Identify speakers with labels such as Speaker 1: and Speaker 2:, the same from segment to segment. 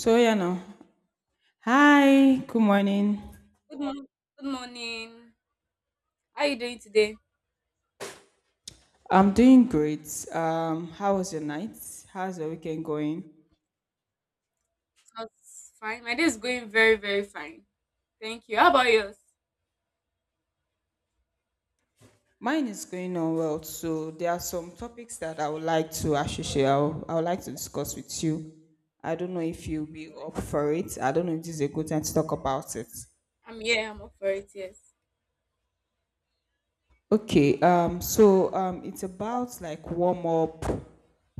Speaker 1: So yeah now. Hi, good morning.
Speaker 2: Good morning. Good morning. How are you doing today?
Speaker 1: I'm doing great. How was your night? How's your weekend going?
Speaker 2: That's fine. My day is going very, very fine. Thank you. How about yours?
Speaker 1: Mine is going on well. So there are some topics that I would like to actually share. I would like to discuss with you. I don't know if you'll be
Speaker 2: All right.
Speaker 1: up for it. I don't know if this is a good time to talk about it.
Speaker 2: I'm Yeah, I'm up for it. Yes.
Speaker 1: Okay. So it's about like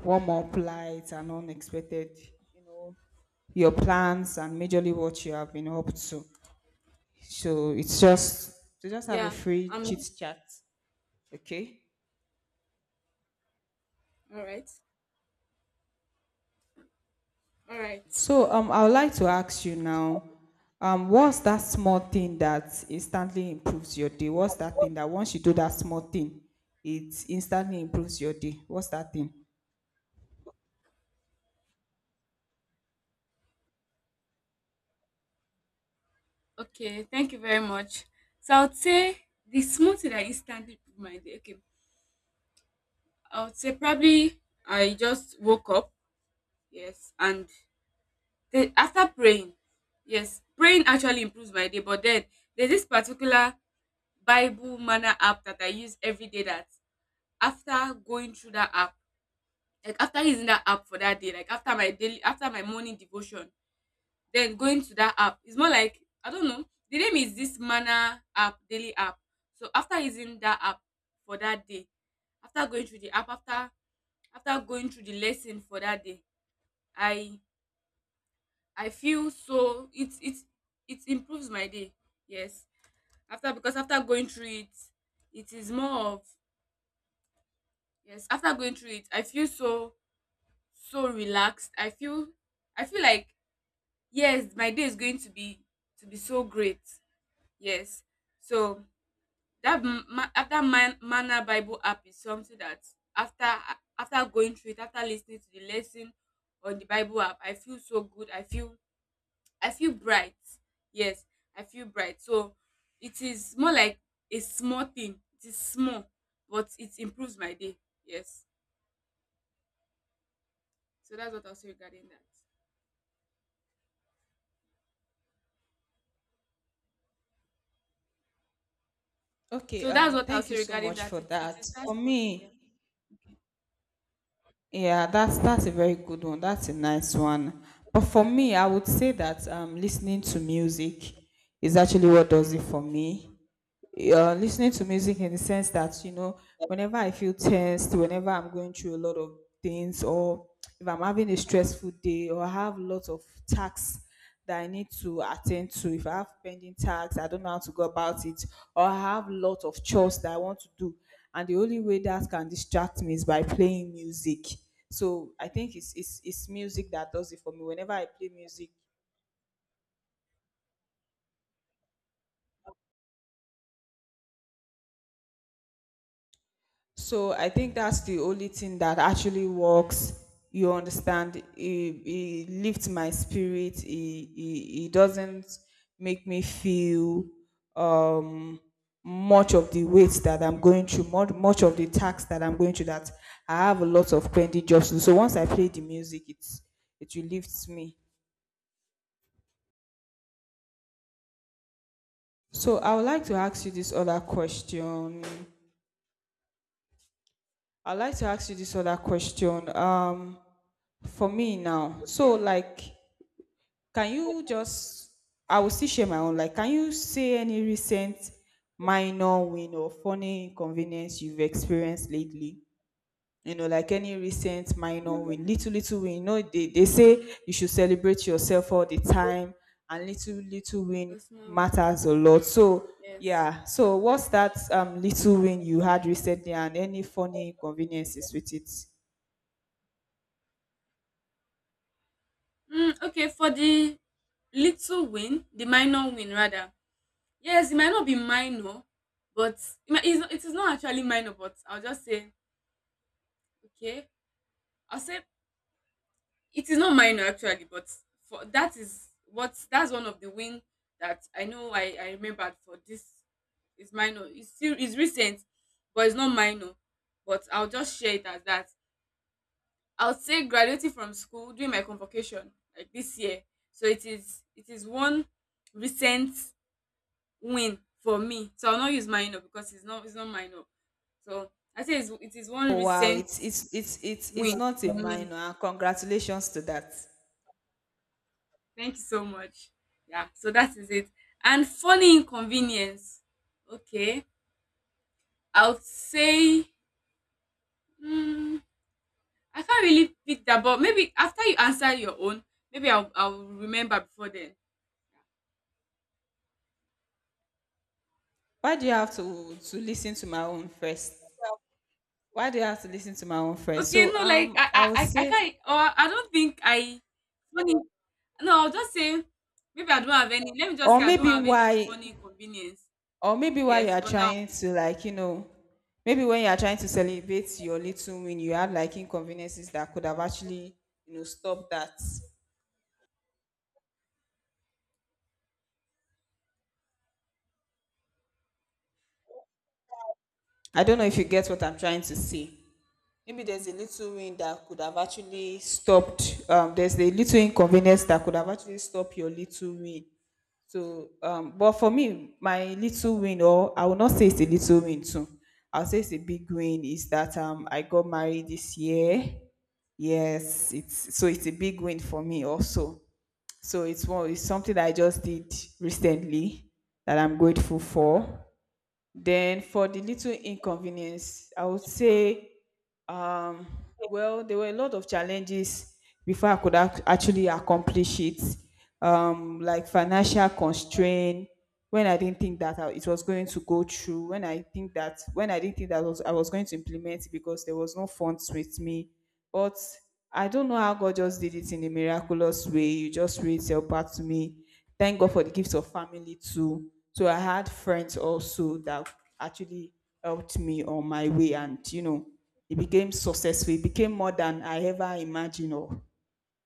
Speaker 1: warm up lights and unexpected, you know, your plans and majorly what you have been up to. So it's just to just have a
Speaker 2: Yeah.
Speaker 1: free chit
Speaker 2: I'm
Speaker 1: chat, okay?
Speaker 2: all right. All right.
Speaker 1: So I would like to ask you now, what's that small thing that instantly improves your day? What's that thing that once you do that small thing, it instantly improves your day? What's that thing?
Speaker 2: Okay. Thank you very much. So I would say the smoothie that instantly improved my day. Okay. I would say probably I just woke up. Yes. And after praying, yes, praying actually improves my day. But then there's this particular Bible Manner app that I use every day that after going through that app, like after using that app for that day, like after my morning devotion, then going to that app. It's more like I don't know. The name is this Manner app, daily app. So after using that app for that day, after going through the app, after going through the lesson for that day, I I feel, so it improves my day. Yes. After Because after going through it, it is more of, yes, after going through it, I feel so relaxed. I feel, I feel like, yes, my day is going to be, so great. Yes. So that mana Bible app is something that after after going through it, after listening to the lesson on the Bible app, I feel so good. I feel bright. Yes, I feel bright. So it is more like a small thing. It is small, but it improves my day. Yes. So that's what I'll say regarding that.
Speaker 1: Okay.
Speaker 2: So that's what I'll
Speaker 1: Thank you
Speaker 2: say
Speaker 1: so
Speaker 2: regarding
Speaker 1: much
Speaker 2: that.
Speaker 1: for
Speaker 2: It
Speaker 1: that.
Speaker 2: is that
Speaker 1: For
Speaker 2: small thing.
Speaker 1: me, yeah, that's a very good one. That's a nice one. But for me, I would say that listening to music is actually what does it for me. Listening to music in the sense that you know whenever I feel tensed, whenever I'm going through a lot of things, or if I'm having a stressful day, or I have lots of tasks that I need to attend to, if I have pending tasks I don't know how to go about it, or I have lots of chores that I want to do, and the only way that can distract me is by playing music. So I think it's music that does it for me whenever I play music. So I think that's the only thing that actually works. You understand? It lifts my spirit. It doesn't make me feel um, much of the weight that I'm going through, much of the tax that I'm going through. That I have a lot of pending jobs to do. So once I play the music, it relieves me. So I would like to ask you this other question. I'd like to ask you this other question. For me now. So
Speaker 2: Okay.
Speaker 1: like can you just, I will still share my own. Like, can you say any recent minor win or funny inconvenience you've experienced lately? You know, like any recent minor win, little, little win. You know, they say you should celebrate yourself all the time, and little, little win
Speaker 2: The small win.
Speaker 1: matters a lot. So,
Speaker 2: Yes.
Speaker 1: yeah. So, what's that little win you had recently, and any funny inconveniences with it?
Speaker 2: Mm, okay. For the little win, the minor win, rather. Yes, it might not be minor, but it is not actually minor, but I'll just say, okay. I'll say it is not minor actually, but for that is what that's one of the win that I know, I remembered for this is minor. It's recent, but it's not minor. But I'll just share it as that. I would say graduating from school during my convocation, like this year. So it is one recent win for me. So I'll not use minor because it's not minor. So I say it is one
Speaker 1: Oh wow,
Speaker 2: recent
Speaker 1: it's
Speaker 2: win
Speaker 1: not a
Speaker 2: for me.
Speaker 1: minor. Congratulations to that.
Speaker 2: Thank you so much. Yeah. So that is it. And funny inconvenience. Okay. I would say, mm, I can't really pick that, but maybe after you answer your own, maybe I'll remember before then.
Speaker 1: Why do you have to listen to my own first? Why do you have to listen to my own first?
Speaker 2: Okay,
Speaker 1: So
Speaker 2: no, like
Speaker 1: um,
Speaker 2: I,
Speaker 1: I would
Speaker 2: I, I I
Speaker 1: say,
Speaker 2: can't. Or I don't think I. Funny. No, I'll just say maybe I don't have any. Let me just
Speaker 1: or
Speaker 2: say I don't
Speaker 1: maybe
Speaker 2: have any
Speaker 1: why,
Speaker 2: funny inconvenience.
Speaker 1: or maybe why you
Speaker 2: Yes,
Speaker 1: are
Speaker 2: for now.
Speaker 1: trying to like you know, maybe when you are trying to celebrate your little win, you have like inconveniences that could have actually you know stopped that. I don't know if you get what I'm trying to say. Maybe there's a little win that could have actually stopped. There's a little inconvenience that could have actually stopped your little win. So, but for me, my little win, or I will not say it's a little win too. I'll say it's a big win is that I got married this year. Yes, it's so it's a big win for me also. So it's one it's something that I just did
Speaker 2: Okay.
Speaker 1: recently that I'm grateful for. Then for the little inconvenience, I would say, um, well, there were a lot of challenges before I could actually accomplish it, like financial constraint. When I didn't think that I- it was going to go through, when I think that when I didn't think that was, I was going to implement it because there was no funds with me, but I don't know how God just did it in a miraculous way. You just read your part to me. Thank God for the gifts of family too. So I had friends also that actually helped me on my way, and you know, it became successful. It became more than I ever imagined or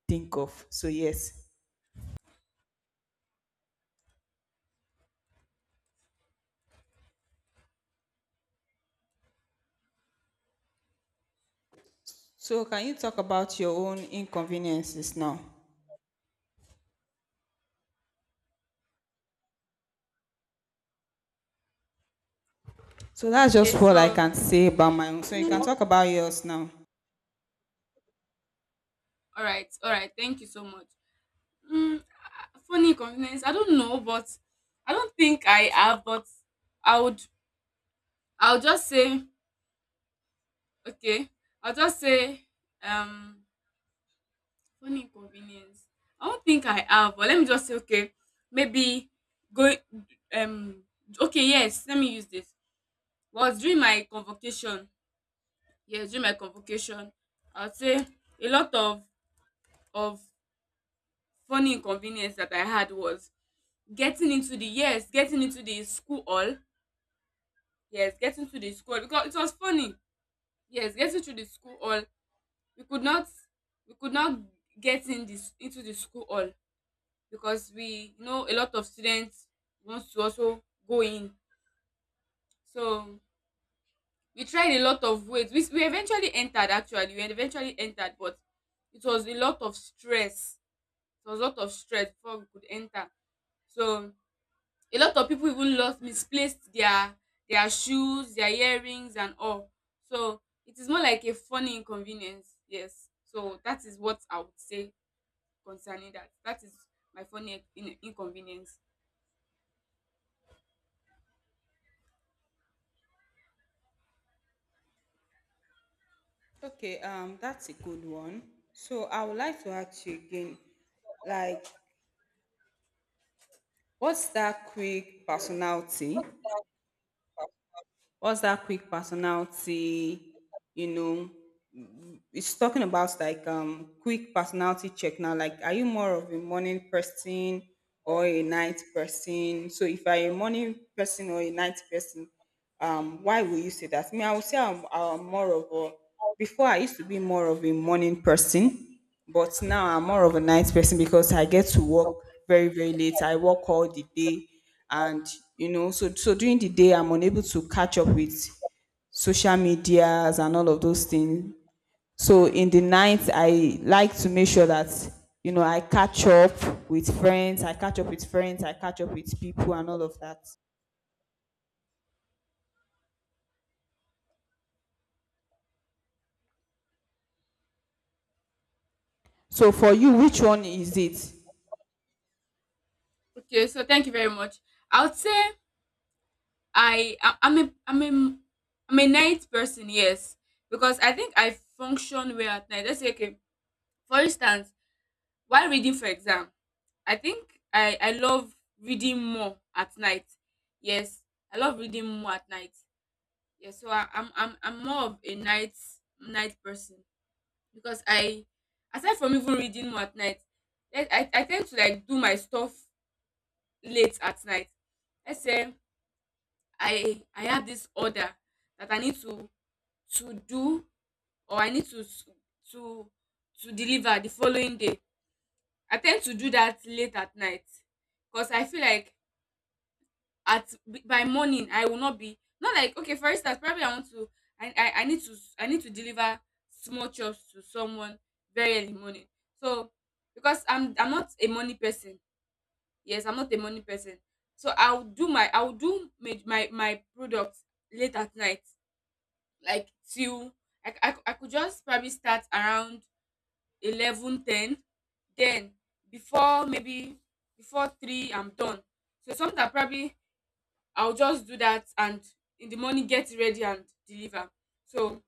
Speaker 1: think of. So yes. So can you talk about your own inconveniences now? So that's
Speaker 2: Okay.
Speaker 1: just what I
Speaker 2: So,
Speaker 1: can say about my own. So you can talk about yours now.
Speaker 2: all right, all right. Thank you so much. Mm, funny inconvenience. I don't know, but I don't think I have. But I would. I'll just say, okay. I'll just say um. Funny inconvenience. I don't think I have, but let me just say, okay, maybe go. um, okay, yes, let me use this. Was during my convocation, yes, during my convocation, I would say a lot of funny inconvenience that I had was getting into the yes, getting into the school hall, yes, getting to the school hall, because it was funny, yes, getting to the school hall. We could not, we could not get in this into the school hall, because we, a lot of students wants to also go in. So we tried a lot of ways. We eventually entered. But it was a lot of stress it was a lot of stress before we could enter. So a lot of people even lost, misplaced their shoes, their earrings and all. So it is more like a funny inconvenience. Yes, so that is what I would say concerning that. That is my funny inconvenience.
Speaker 1: Okay, that's a good one. So I would like to ask you again, like, what's that quick personality? What's that quick personality, you know, it's talking about like quick personality check now, like are you more of a morning person or a night person? So if you're a morning person or a night person, why will you say that? Me, I would say I'm more of a before I used to be more of a morning person, but now I'm more of a night person because I get to work very very late. I work all the day, and you know, so during the day I'm unable to catch up with social medias and all of those things. So in the night, I like to make sure that, you know, I catch up with friends, I catch up with friends, I catch up with people and all of that. So for you, which one is it?
Speaker 2: Okay, so thank you very much. I would say I I- I'm a I'm a I'm a night person, yes, because I think I function well at night. Let's say, okay, for instance, while reading for exam, I think I love reading more at night. Yes, I love reading more at night. Yes, so I, I'm more of a night person, because I aside from even reading more at night, I tend to, like, do my stuff late at night. Let's say I have this order that I need to do, or I need to to deliver the following day. I tend to do that late at night, because I feel like by morning, I will not be, not like, okay, for instance, probably I need to deliver small chops to someone very early morning. So because I'm not a money person. Yes, I'm not a money person. So I'll do my products late at night, like till I could just probably start around 11:10, then before, maybe, before 3 I'm done. So sometimes probably I'll just do that and in the morning get ready and deliver. So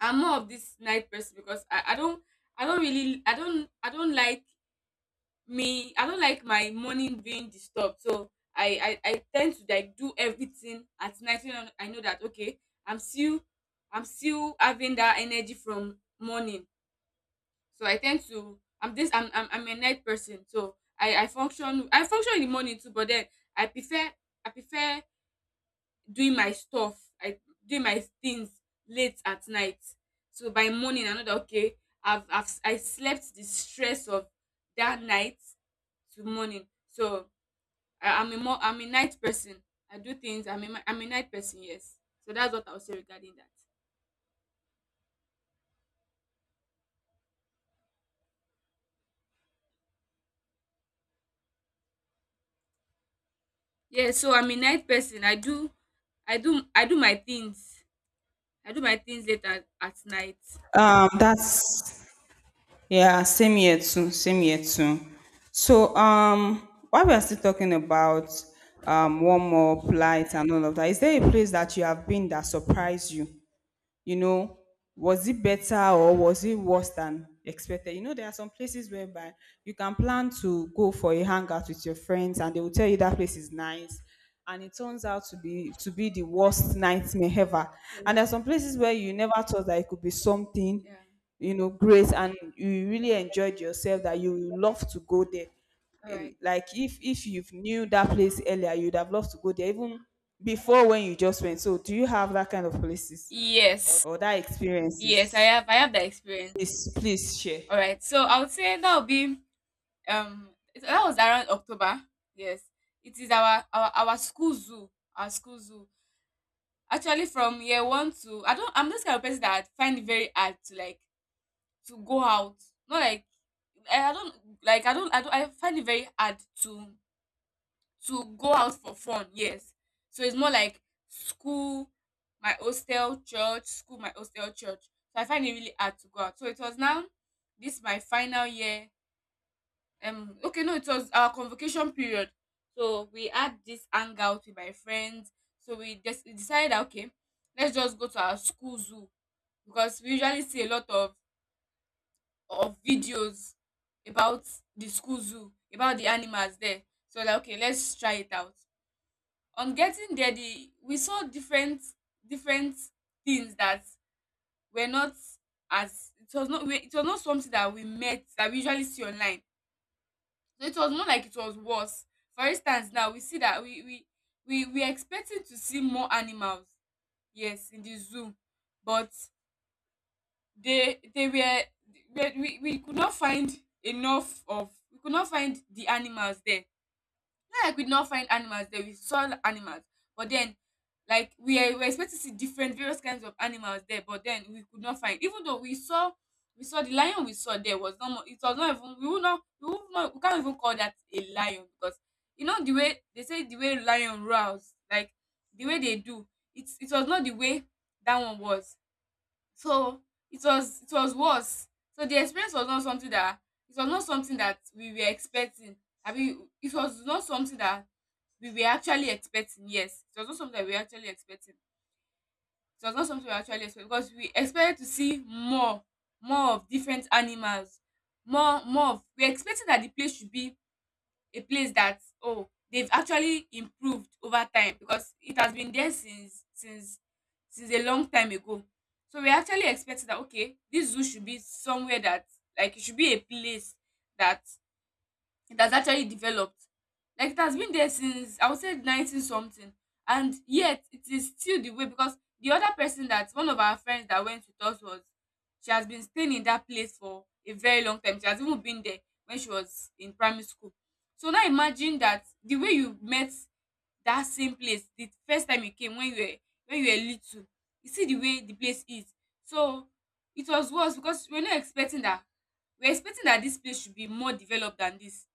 Speaker 2: I'm more of this night person, because I don't really, I don't like, me, I don't like my morning being disturbed. So I tend to, like, do everything at night, so that I know that, okay, i'm still I'm still having that energy from morning. So I'm a night person. So I function in the morning too, but then I prefer, I prefer doing my stuff I doing my things late at night, so by morning I know that, okay, I slept the stress of that night to morning. So I'm a night person. I do things. I'm a night person. Yes. So that's what I'll say regarding that. Yeah, so I'm a night person. I do i do my things I do my things late at night.
Speaker 1: That's yeah, same year too, same year too. So while we are still talking about warm up, light, and all of that, is there a place that you have been that surprised you? You know, was it better or was it worse than expected? You know, there are some places whereby you can plan to go for a hangout with your friends and they will tell you that place is nice. And it turns out to be the worst nightmare ever. And there are some places where you never thought that it could be something,
Speaker 2: Yeah.
Speaker 1: you know, great and you really enjoyed yourself that you will love to go there.
Speaker 2: All
Speaker 1: In-
Speaker 2: right.
Speaker 1: like if you knew that place earlier, you'd have loved to go there even before when you just went. So do you have that kind of places
Speaker 2: Yes.
Speaker 1: or that
Speaker 2: Yes,
Speaker 1: experiences?
Speaker 2: I have that experience.
Speaker 1: Please please share.
Speaker 2: All right, so I would say that would be, um that was around October. Yes, it is our school zoo, our school zoo actually. From year one to I don't I'm this kind of person that find it very hard to, like, to go out. Not like, I don't like I don't, I don't I find it very hard to go out for fun. Yes. So it's more like school school, my hostel, church. So I find it really hard to go out. So it was now this my final year. Okay, no, it was our convocation period. So we had this hangout with my friends. So we decided that, okay, let's just go to our school zoo, because we usually see a lot of videos about the school zoo, about the animals there. So, like, okay, let's try it out. On getting there, the we saw different things that were not, as it was not we- it was not something that we met, that we usually see online. So it was more like, it was worse. For instance, now we see that, we expecting to see more animals, yes, in the zoo, but they were, we could not find enough of, we could not find the animals there. Like, we did not find animals there. We saw animals, but then, like, we were expecting to see different various kinds of animals there, but then we could not find. Even though we saw the lion, we saw there was not it was not even, we would not we would not we can't even call that a lion, because, the way they say the way lion roars, like the way they do, it was not the way that one was. So it was worse. So the experience was not something that, it was not something that we were expecting. I mean, it was not something that we were actually expecting, yes. It was not something that we were actually expecting. It was not something we were actually expecting, because we expected to see more, more of different animals, more of, we're expecting that the place should be a place that, oh, they've actually improved over time, because it has been there since a long time ago. So we actually expected that, okay, this zoo should be somewhere that, it should be a place, that it has actually developed. Like it has been there since I would say 19 something, and yet it is still the way, because the other person, that one of our friends that went with us was, she has been staying in that place for a very long time. She has even been there when she was in primary school. So now imagine that the way you met that same place the first time you came when you were little, you see the way the place is. So it was worse because we're not expecting that, we're expecting that this place should be more developed than this.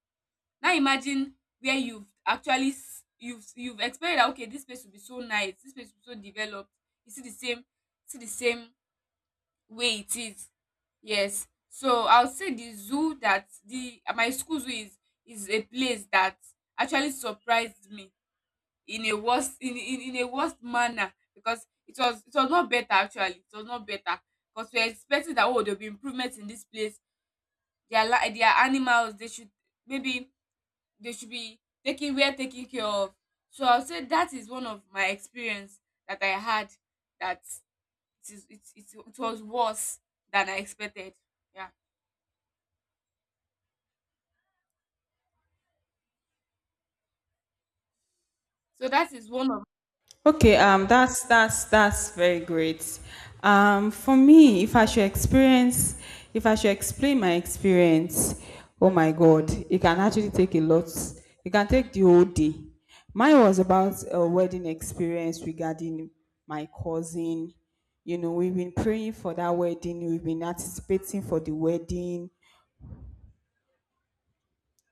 Speaker 2: Now imagine where you've actually you've expected that okay, this place will be so nice, this place will be so developed. You see the same way it is. Yes. So I'll say the zoo, that the my school zoo, is a place that actually surprised me in a worst manner, because it was not better actually. It was not better. Because we're expecting that oh, there'll be improvements in this place. Their animals, they should maybe, they should be taking, we are taking care of. So I'll say that is one of my experience that I had, that it is it, it, it was worse than I expected. Yeah. So that is one of.
Speaker 1: Okay, that's very great. For me, if I should experience, if I should explain my experience, oh my God, it can actually take a lot. It can take the whole day. Mine was about a wedding experience regarding my cousin. You know, we've been praying for that wedding, we've been anticipating for the wedding.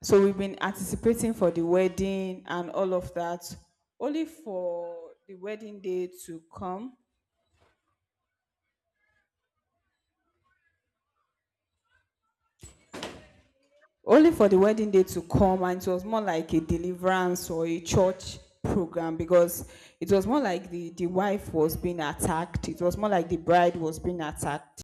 Speaker 1: So we've been anticipating for the wedding and all of that, only for the wedding day to come. Only for the wedding day to come, and it was more like a deliverance or a church program because it was more like the wife was being attacked. It was more like the bride was being attacked.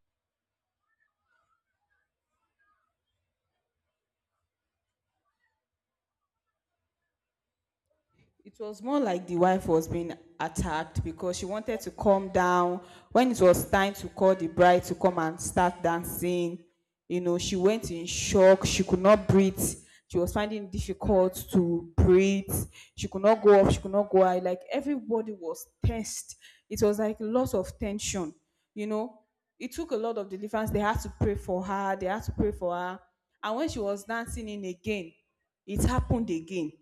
Speaker 1: It was more like the wife was being attacked because she wanted to calm down. When it was time to call the bride to come and start dancing, you know, she went in shock. She could not breathe. She was finding it difficult to breathe. She could not go up. She could not go out. Like everybody was tensed. It was like lots of tension. You know, it took a lot of deliverance. They had to pray for her. They had to pray for her. And when she was dancing in again, it happened again.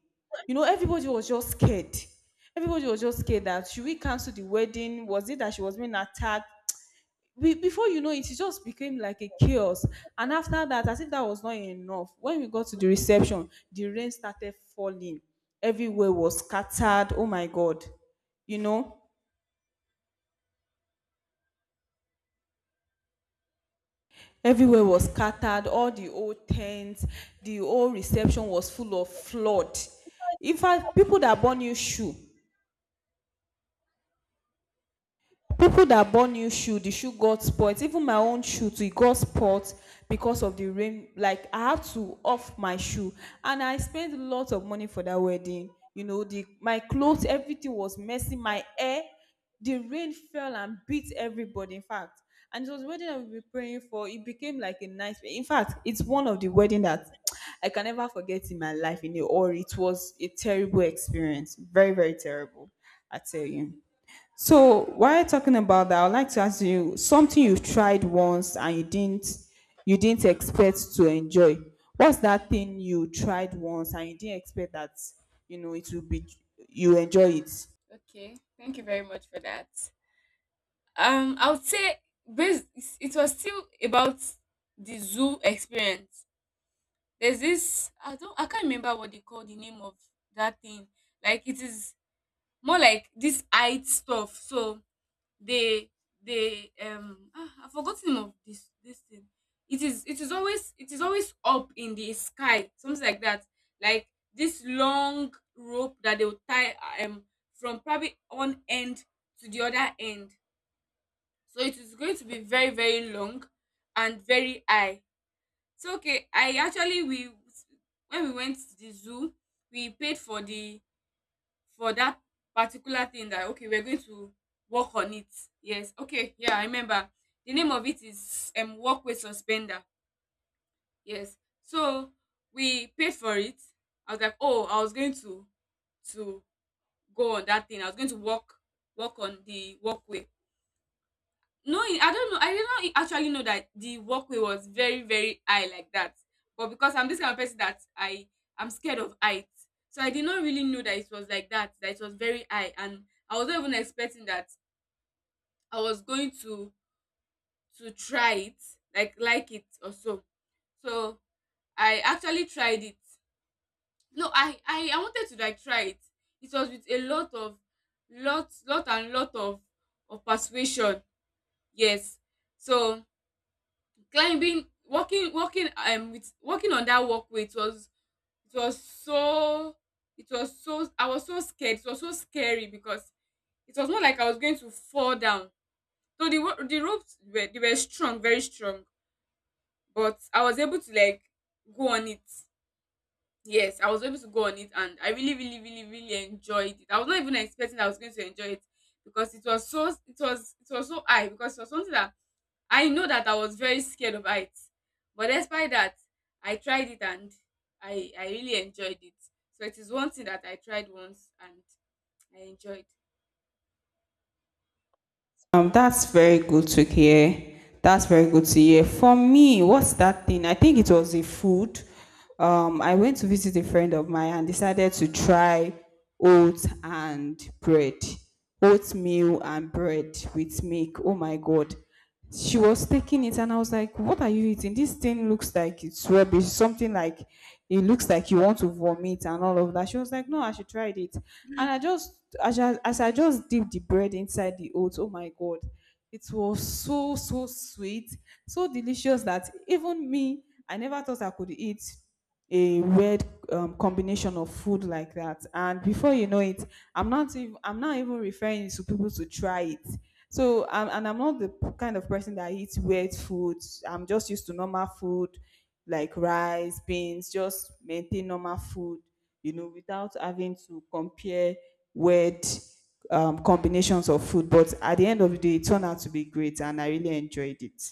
Speaker 1: You know, everybody was just scared. Everybody was just scared that should we cancel the wedding? Was it that she was being attacked? We, before you know it, it just became like a chaos. And after that, as if that was not enough, when we got to the reception, the rain started falling. Everywhere was scattered. Oh my God. You know, everywhere was scattered. All the old tents, the old reception was full of flood. In fact, people that bought new shoe, the shoe got spoilt. Even my own shoe too e got spoilt because of the rain. Like I had to off my shoe, and I spent a lot of money for that wedding. You know, the my clothes, everything was messy, my hair, the rain fell and beat everybody in fact. And it was a wedding I we been praying for, it became like a nice. In fact, it's one of the wedding that I can never forget in my life, in the or it was a terrible experience, very very terrible, I tell you. So while talking about that, I would like to ask you something you've tried once and you didn't expect to enjoy. What's that thing you tried once and you didn't expect that you know it will be you enjoy it?
Speaker 2: Okay, thank you very much for that. I would say, based, it was still about the zoo experience. There's this, I can't remember what they call the name of that thing. Like it is more like this height stuff. So they, I've forgotten name of this thing. It is always up in the sky, something like that. Like this long rope that they will tie um from probably one end to the other end. So it is going to be very, very long and very high. So okay, I actually we when we went to the zoo, we paid for the for that particular thing, that okay, we're going to work on it. Yes, okay, yeah, I remember. The name of it is work with suspender. Yes, so we paid for it. I was like, oh, I was going to go on that thing. I was going to work on the walkway. No, I don't know. I did not actually know that the walkway was very, very high like that. But because I'm this kind of person that I'm scared of height, so I did not really know that it was like that. That it was very high, and I was not even expecting that I was going to try it, like it or so. So I actually tried it. No, I wanted to like try it. It was with a lot of lot of persuasion. Yes. So climbing, walking on that walkway, it was so it was so I was so scared. It was so scary, because it was not like I was going to fall down. So the ropes were strong, very strong. But I was able to like go on it. Yes, I was able to go on it. And I really, really, really, really enjoyed it. I was not even expecting I was going to enjoy it, because it was so high, because it was something that I know that I was very scared of heights. But despite that, I tried it and I really enjoyed it. So it is one thing that I tried once and I enjoyed.
Speaker 1: That's very good to hear. That's very good to hear. For me, what's that thing? I think it was the food. I went to visit a friend of mine and decided to try oats and bread, oatmeal and bread with milk. Oh my God! She was taking it and I was like, "What are you eating? This thing looks like it's rubbish, something like it looks like you want to vomit and all of that." She was like, "No, I should try it." And I just as I just dipped the bread inside the oats, oh my God, it was so sweet, so delicious that even me, I never thought I could eat a weird combination of food like that. And before you know it, I'm not even referring to people to try it. So and I'm not the kind of person that eats weird foods. I'm just used to normal food like rice, beans, just maintain normal food, you know, without having to compare weird combinations of food. But at the end of the day, it turned out to be great and I really enjoyed it.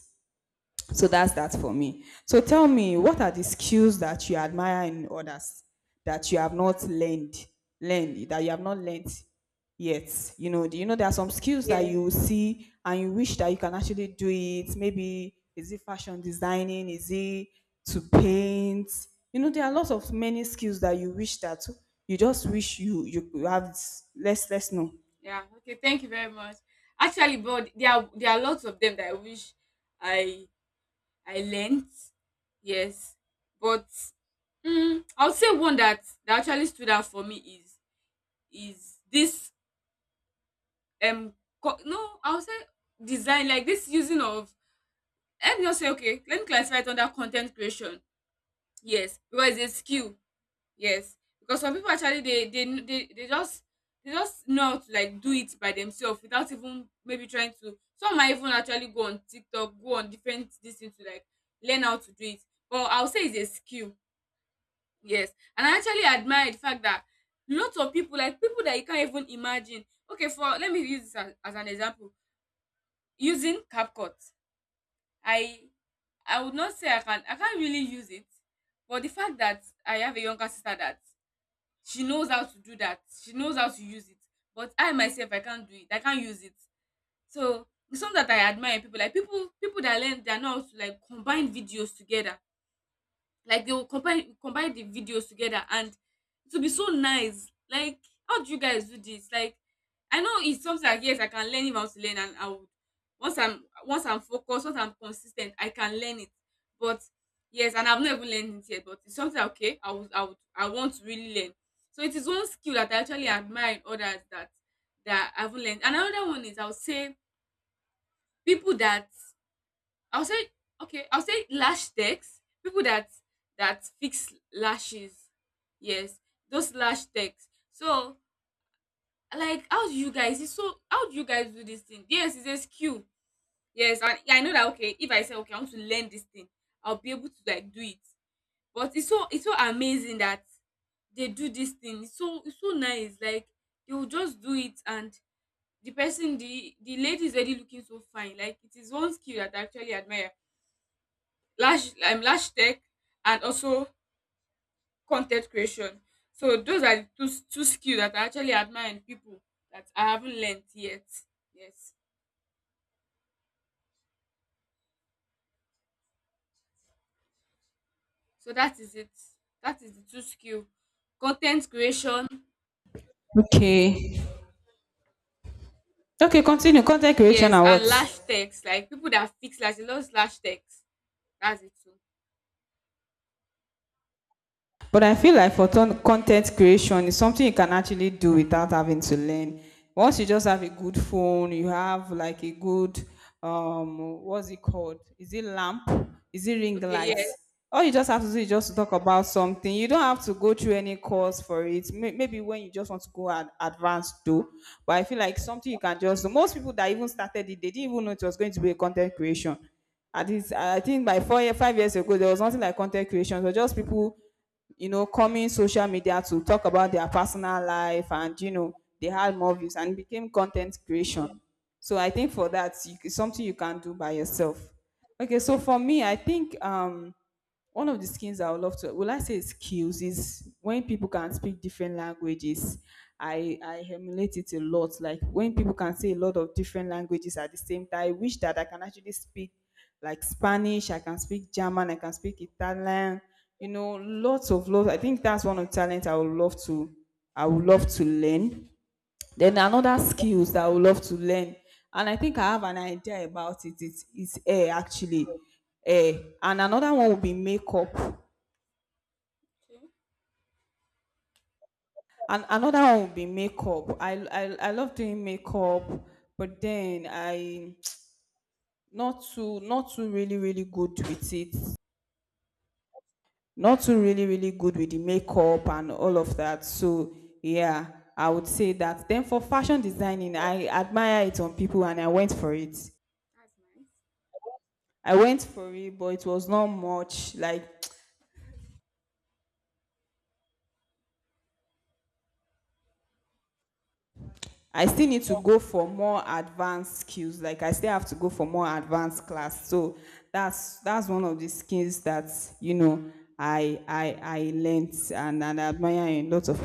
Speaker 1: So that's that for me. So tell me, what are the skills that you admire in others that you have not learned, learned that you have not learned yet? You know, do you know there are some skills that
Speaker 2: Yeah.
Speaker 1: you see and you wish that you can actually do it? Maybe is it fashion designing? Is it to paint? You know, there are lots of many skills that you wish that you just wish you have. Let's know.
Speaker 2: Yeah. Okay, thank you very much. Actually, but there are lots of them that I wish I I learnt. Yes, but I would say one that actually stood out for me is this, um co- no I would say design, like this, using of. Let me just say, okay, let me classify it under content creation. Yes, because it's a skill. Yes, because some people actually, they kn- they just know how to like do it by themselves, without even maybe trying to. Some might even actually go on TikTok, go on different this thing to like learn how to do it. But I'll say it's a skill. Yes, and I actually admire the fact that lots of people, like people that you can't even imagine. Okay, for let me use this as an example. Using CapCut, I I would not say I can, I can't really use it, but the fact that I have a younger sister that she knows how to do that, she knows how to use it. But I myself, I can't do it. I can't use it. So it's something that I admire in people, like people that learn, they know how to like combine videos together. Like they will combine the videos together and it will be so nice. Like, how do you guys do this? Like, I know it's something like, yes, I can learn if I want to learn. And I would, once I'm focused, once I'm consistent, I can learn it. But yes, and I've not even learned it yet, but it's something that, okay, I want to really learn. So it is one skill that I actually admire in others, that I haven't learned. Another one is, I would say, people that, I'll say okay, I'll say lash techs, people that fix lashes. Yes, those lash techs. So like, how do you guys do this thing? Yes, it's a skill. Yes, and yeah, I know that, okay, if I say, okay, I want to learn this thing, I'll be able to like do it. But it's so amazing that they do this thing. It's so nice. Like they will just do it, and the person the lady is already looking so fine. Like it is one skill that I actually admire, lash tech, and also content creation. So those are the two skills that I actually admire in people that I haven't learned yet. Yes. So that is it. That is the two skill. Content creation.
Speaker 1: Okay. Okay. Continue. Content creation
Speaker 2: Yes,
Speaker 1: and
Speaker 2: and
Speaker 1: what?
Speaker 2: lash techs, like people that fix lash, they love lash techs. That's it too.
Speaker 1: But I feel like for content creation, it's something you can actually do without having to learn. Once you just have a good phone, you have like a good what's it called? Is it lamp? Is it ring
Speaker 2: Okay.
Speaker 1: lights?
Speaker 2: Yes.
Speaker 1: All you just have to do is just to talk about something. You don't have to go through any course for it. Maybe when you just want to go and advance do, but I feel like something you can just do. Most people that even started it, they didn't even know it was going to be a content
Speaker 2: Mm,
Speaker 1: creation. At least I think by 4 year, 5 years ago, there was nothing like content creation. So just people, you know, coming social media to talk about their personal life and, you know, they had more views and became content creation.
Speaker 2: true.
Speaker 1: So I think for that, it's something you can do by yourself. Okay, so
Speaker 2: Thank
Speaker 1: for me, I think one of the skills I would love to, will I say skills, is when people can speak different languages. I emulate it a lot. Like when people can say a lot of different languages at the same time, I wish that I can actually speak like Spanish, I can speak German, I can speak Italian, you know, lots of lots. I think that's one of the talent I would love to, I would love to learn. Then another skills that I would love to learn, and I think I have an idea about it. It's hair actually, hair, and another one would be makeup,
Speaker 2: you.
Speaker 1: and another one would be makeup. I love doing makeup, but then I not too really really good with it. Not too really really good with the makeup and all of that. So yeah, I would say that. Then for fashion designing, I admire it on people, and
Speaker 2: Yeah, that's nice.
Speaker 1: I went for it, but it was not much. Like I still need to go for more advanced skills. Like I still have to go for more advanced class. So that's one of the skills that, you know, I learned and I admire in lots of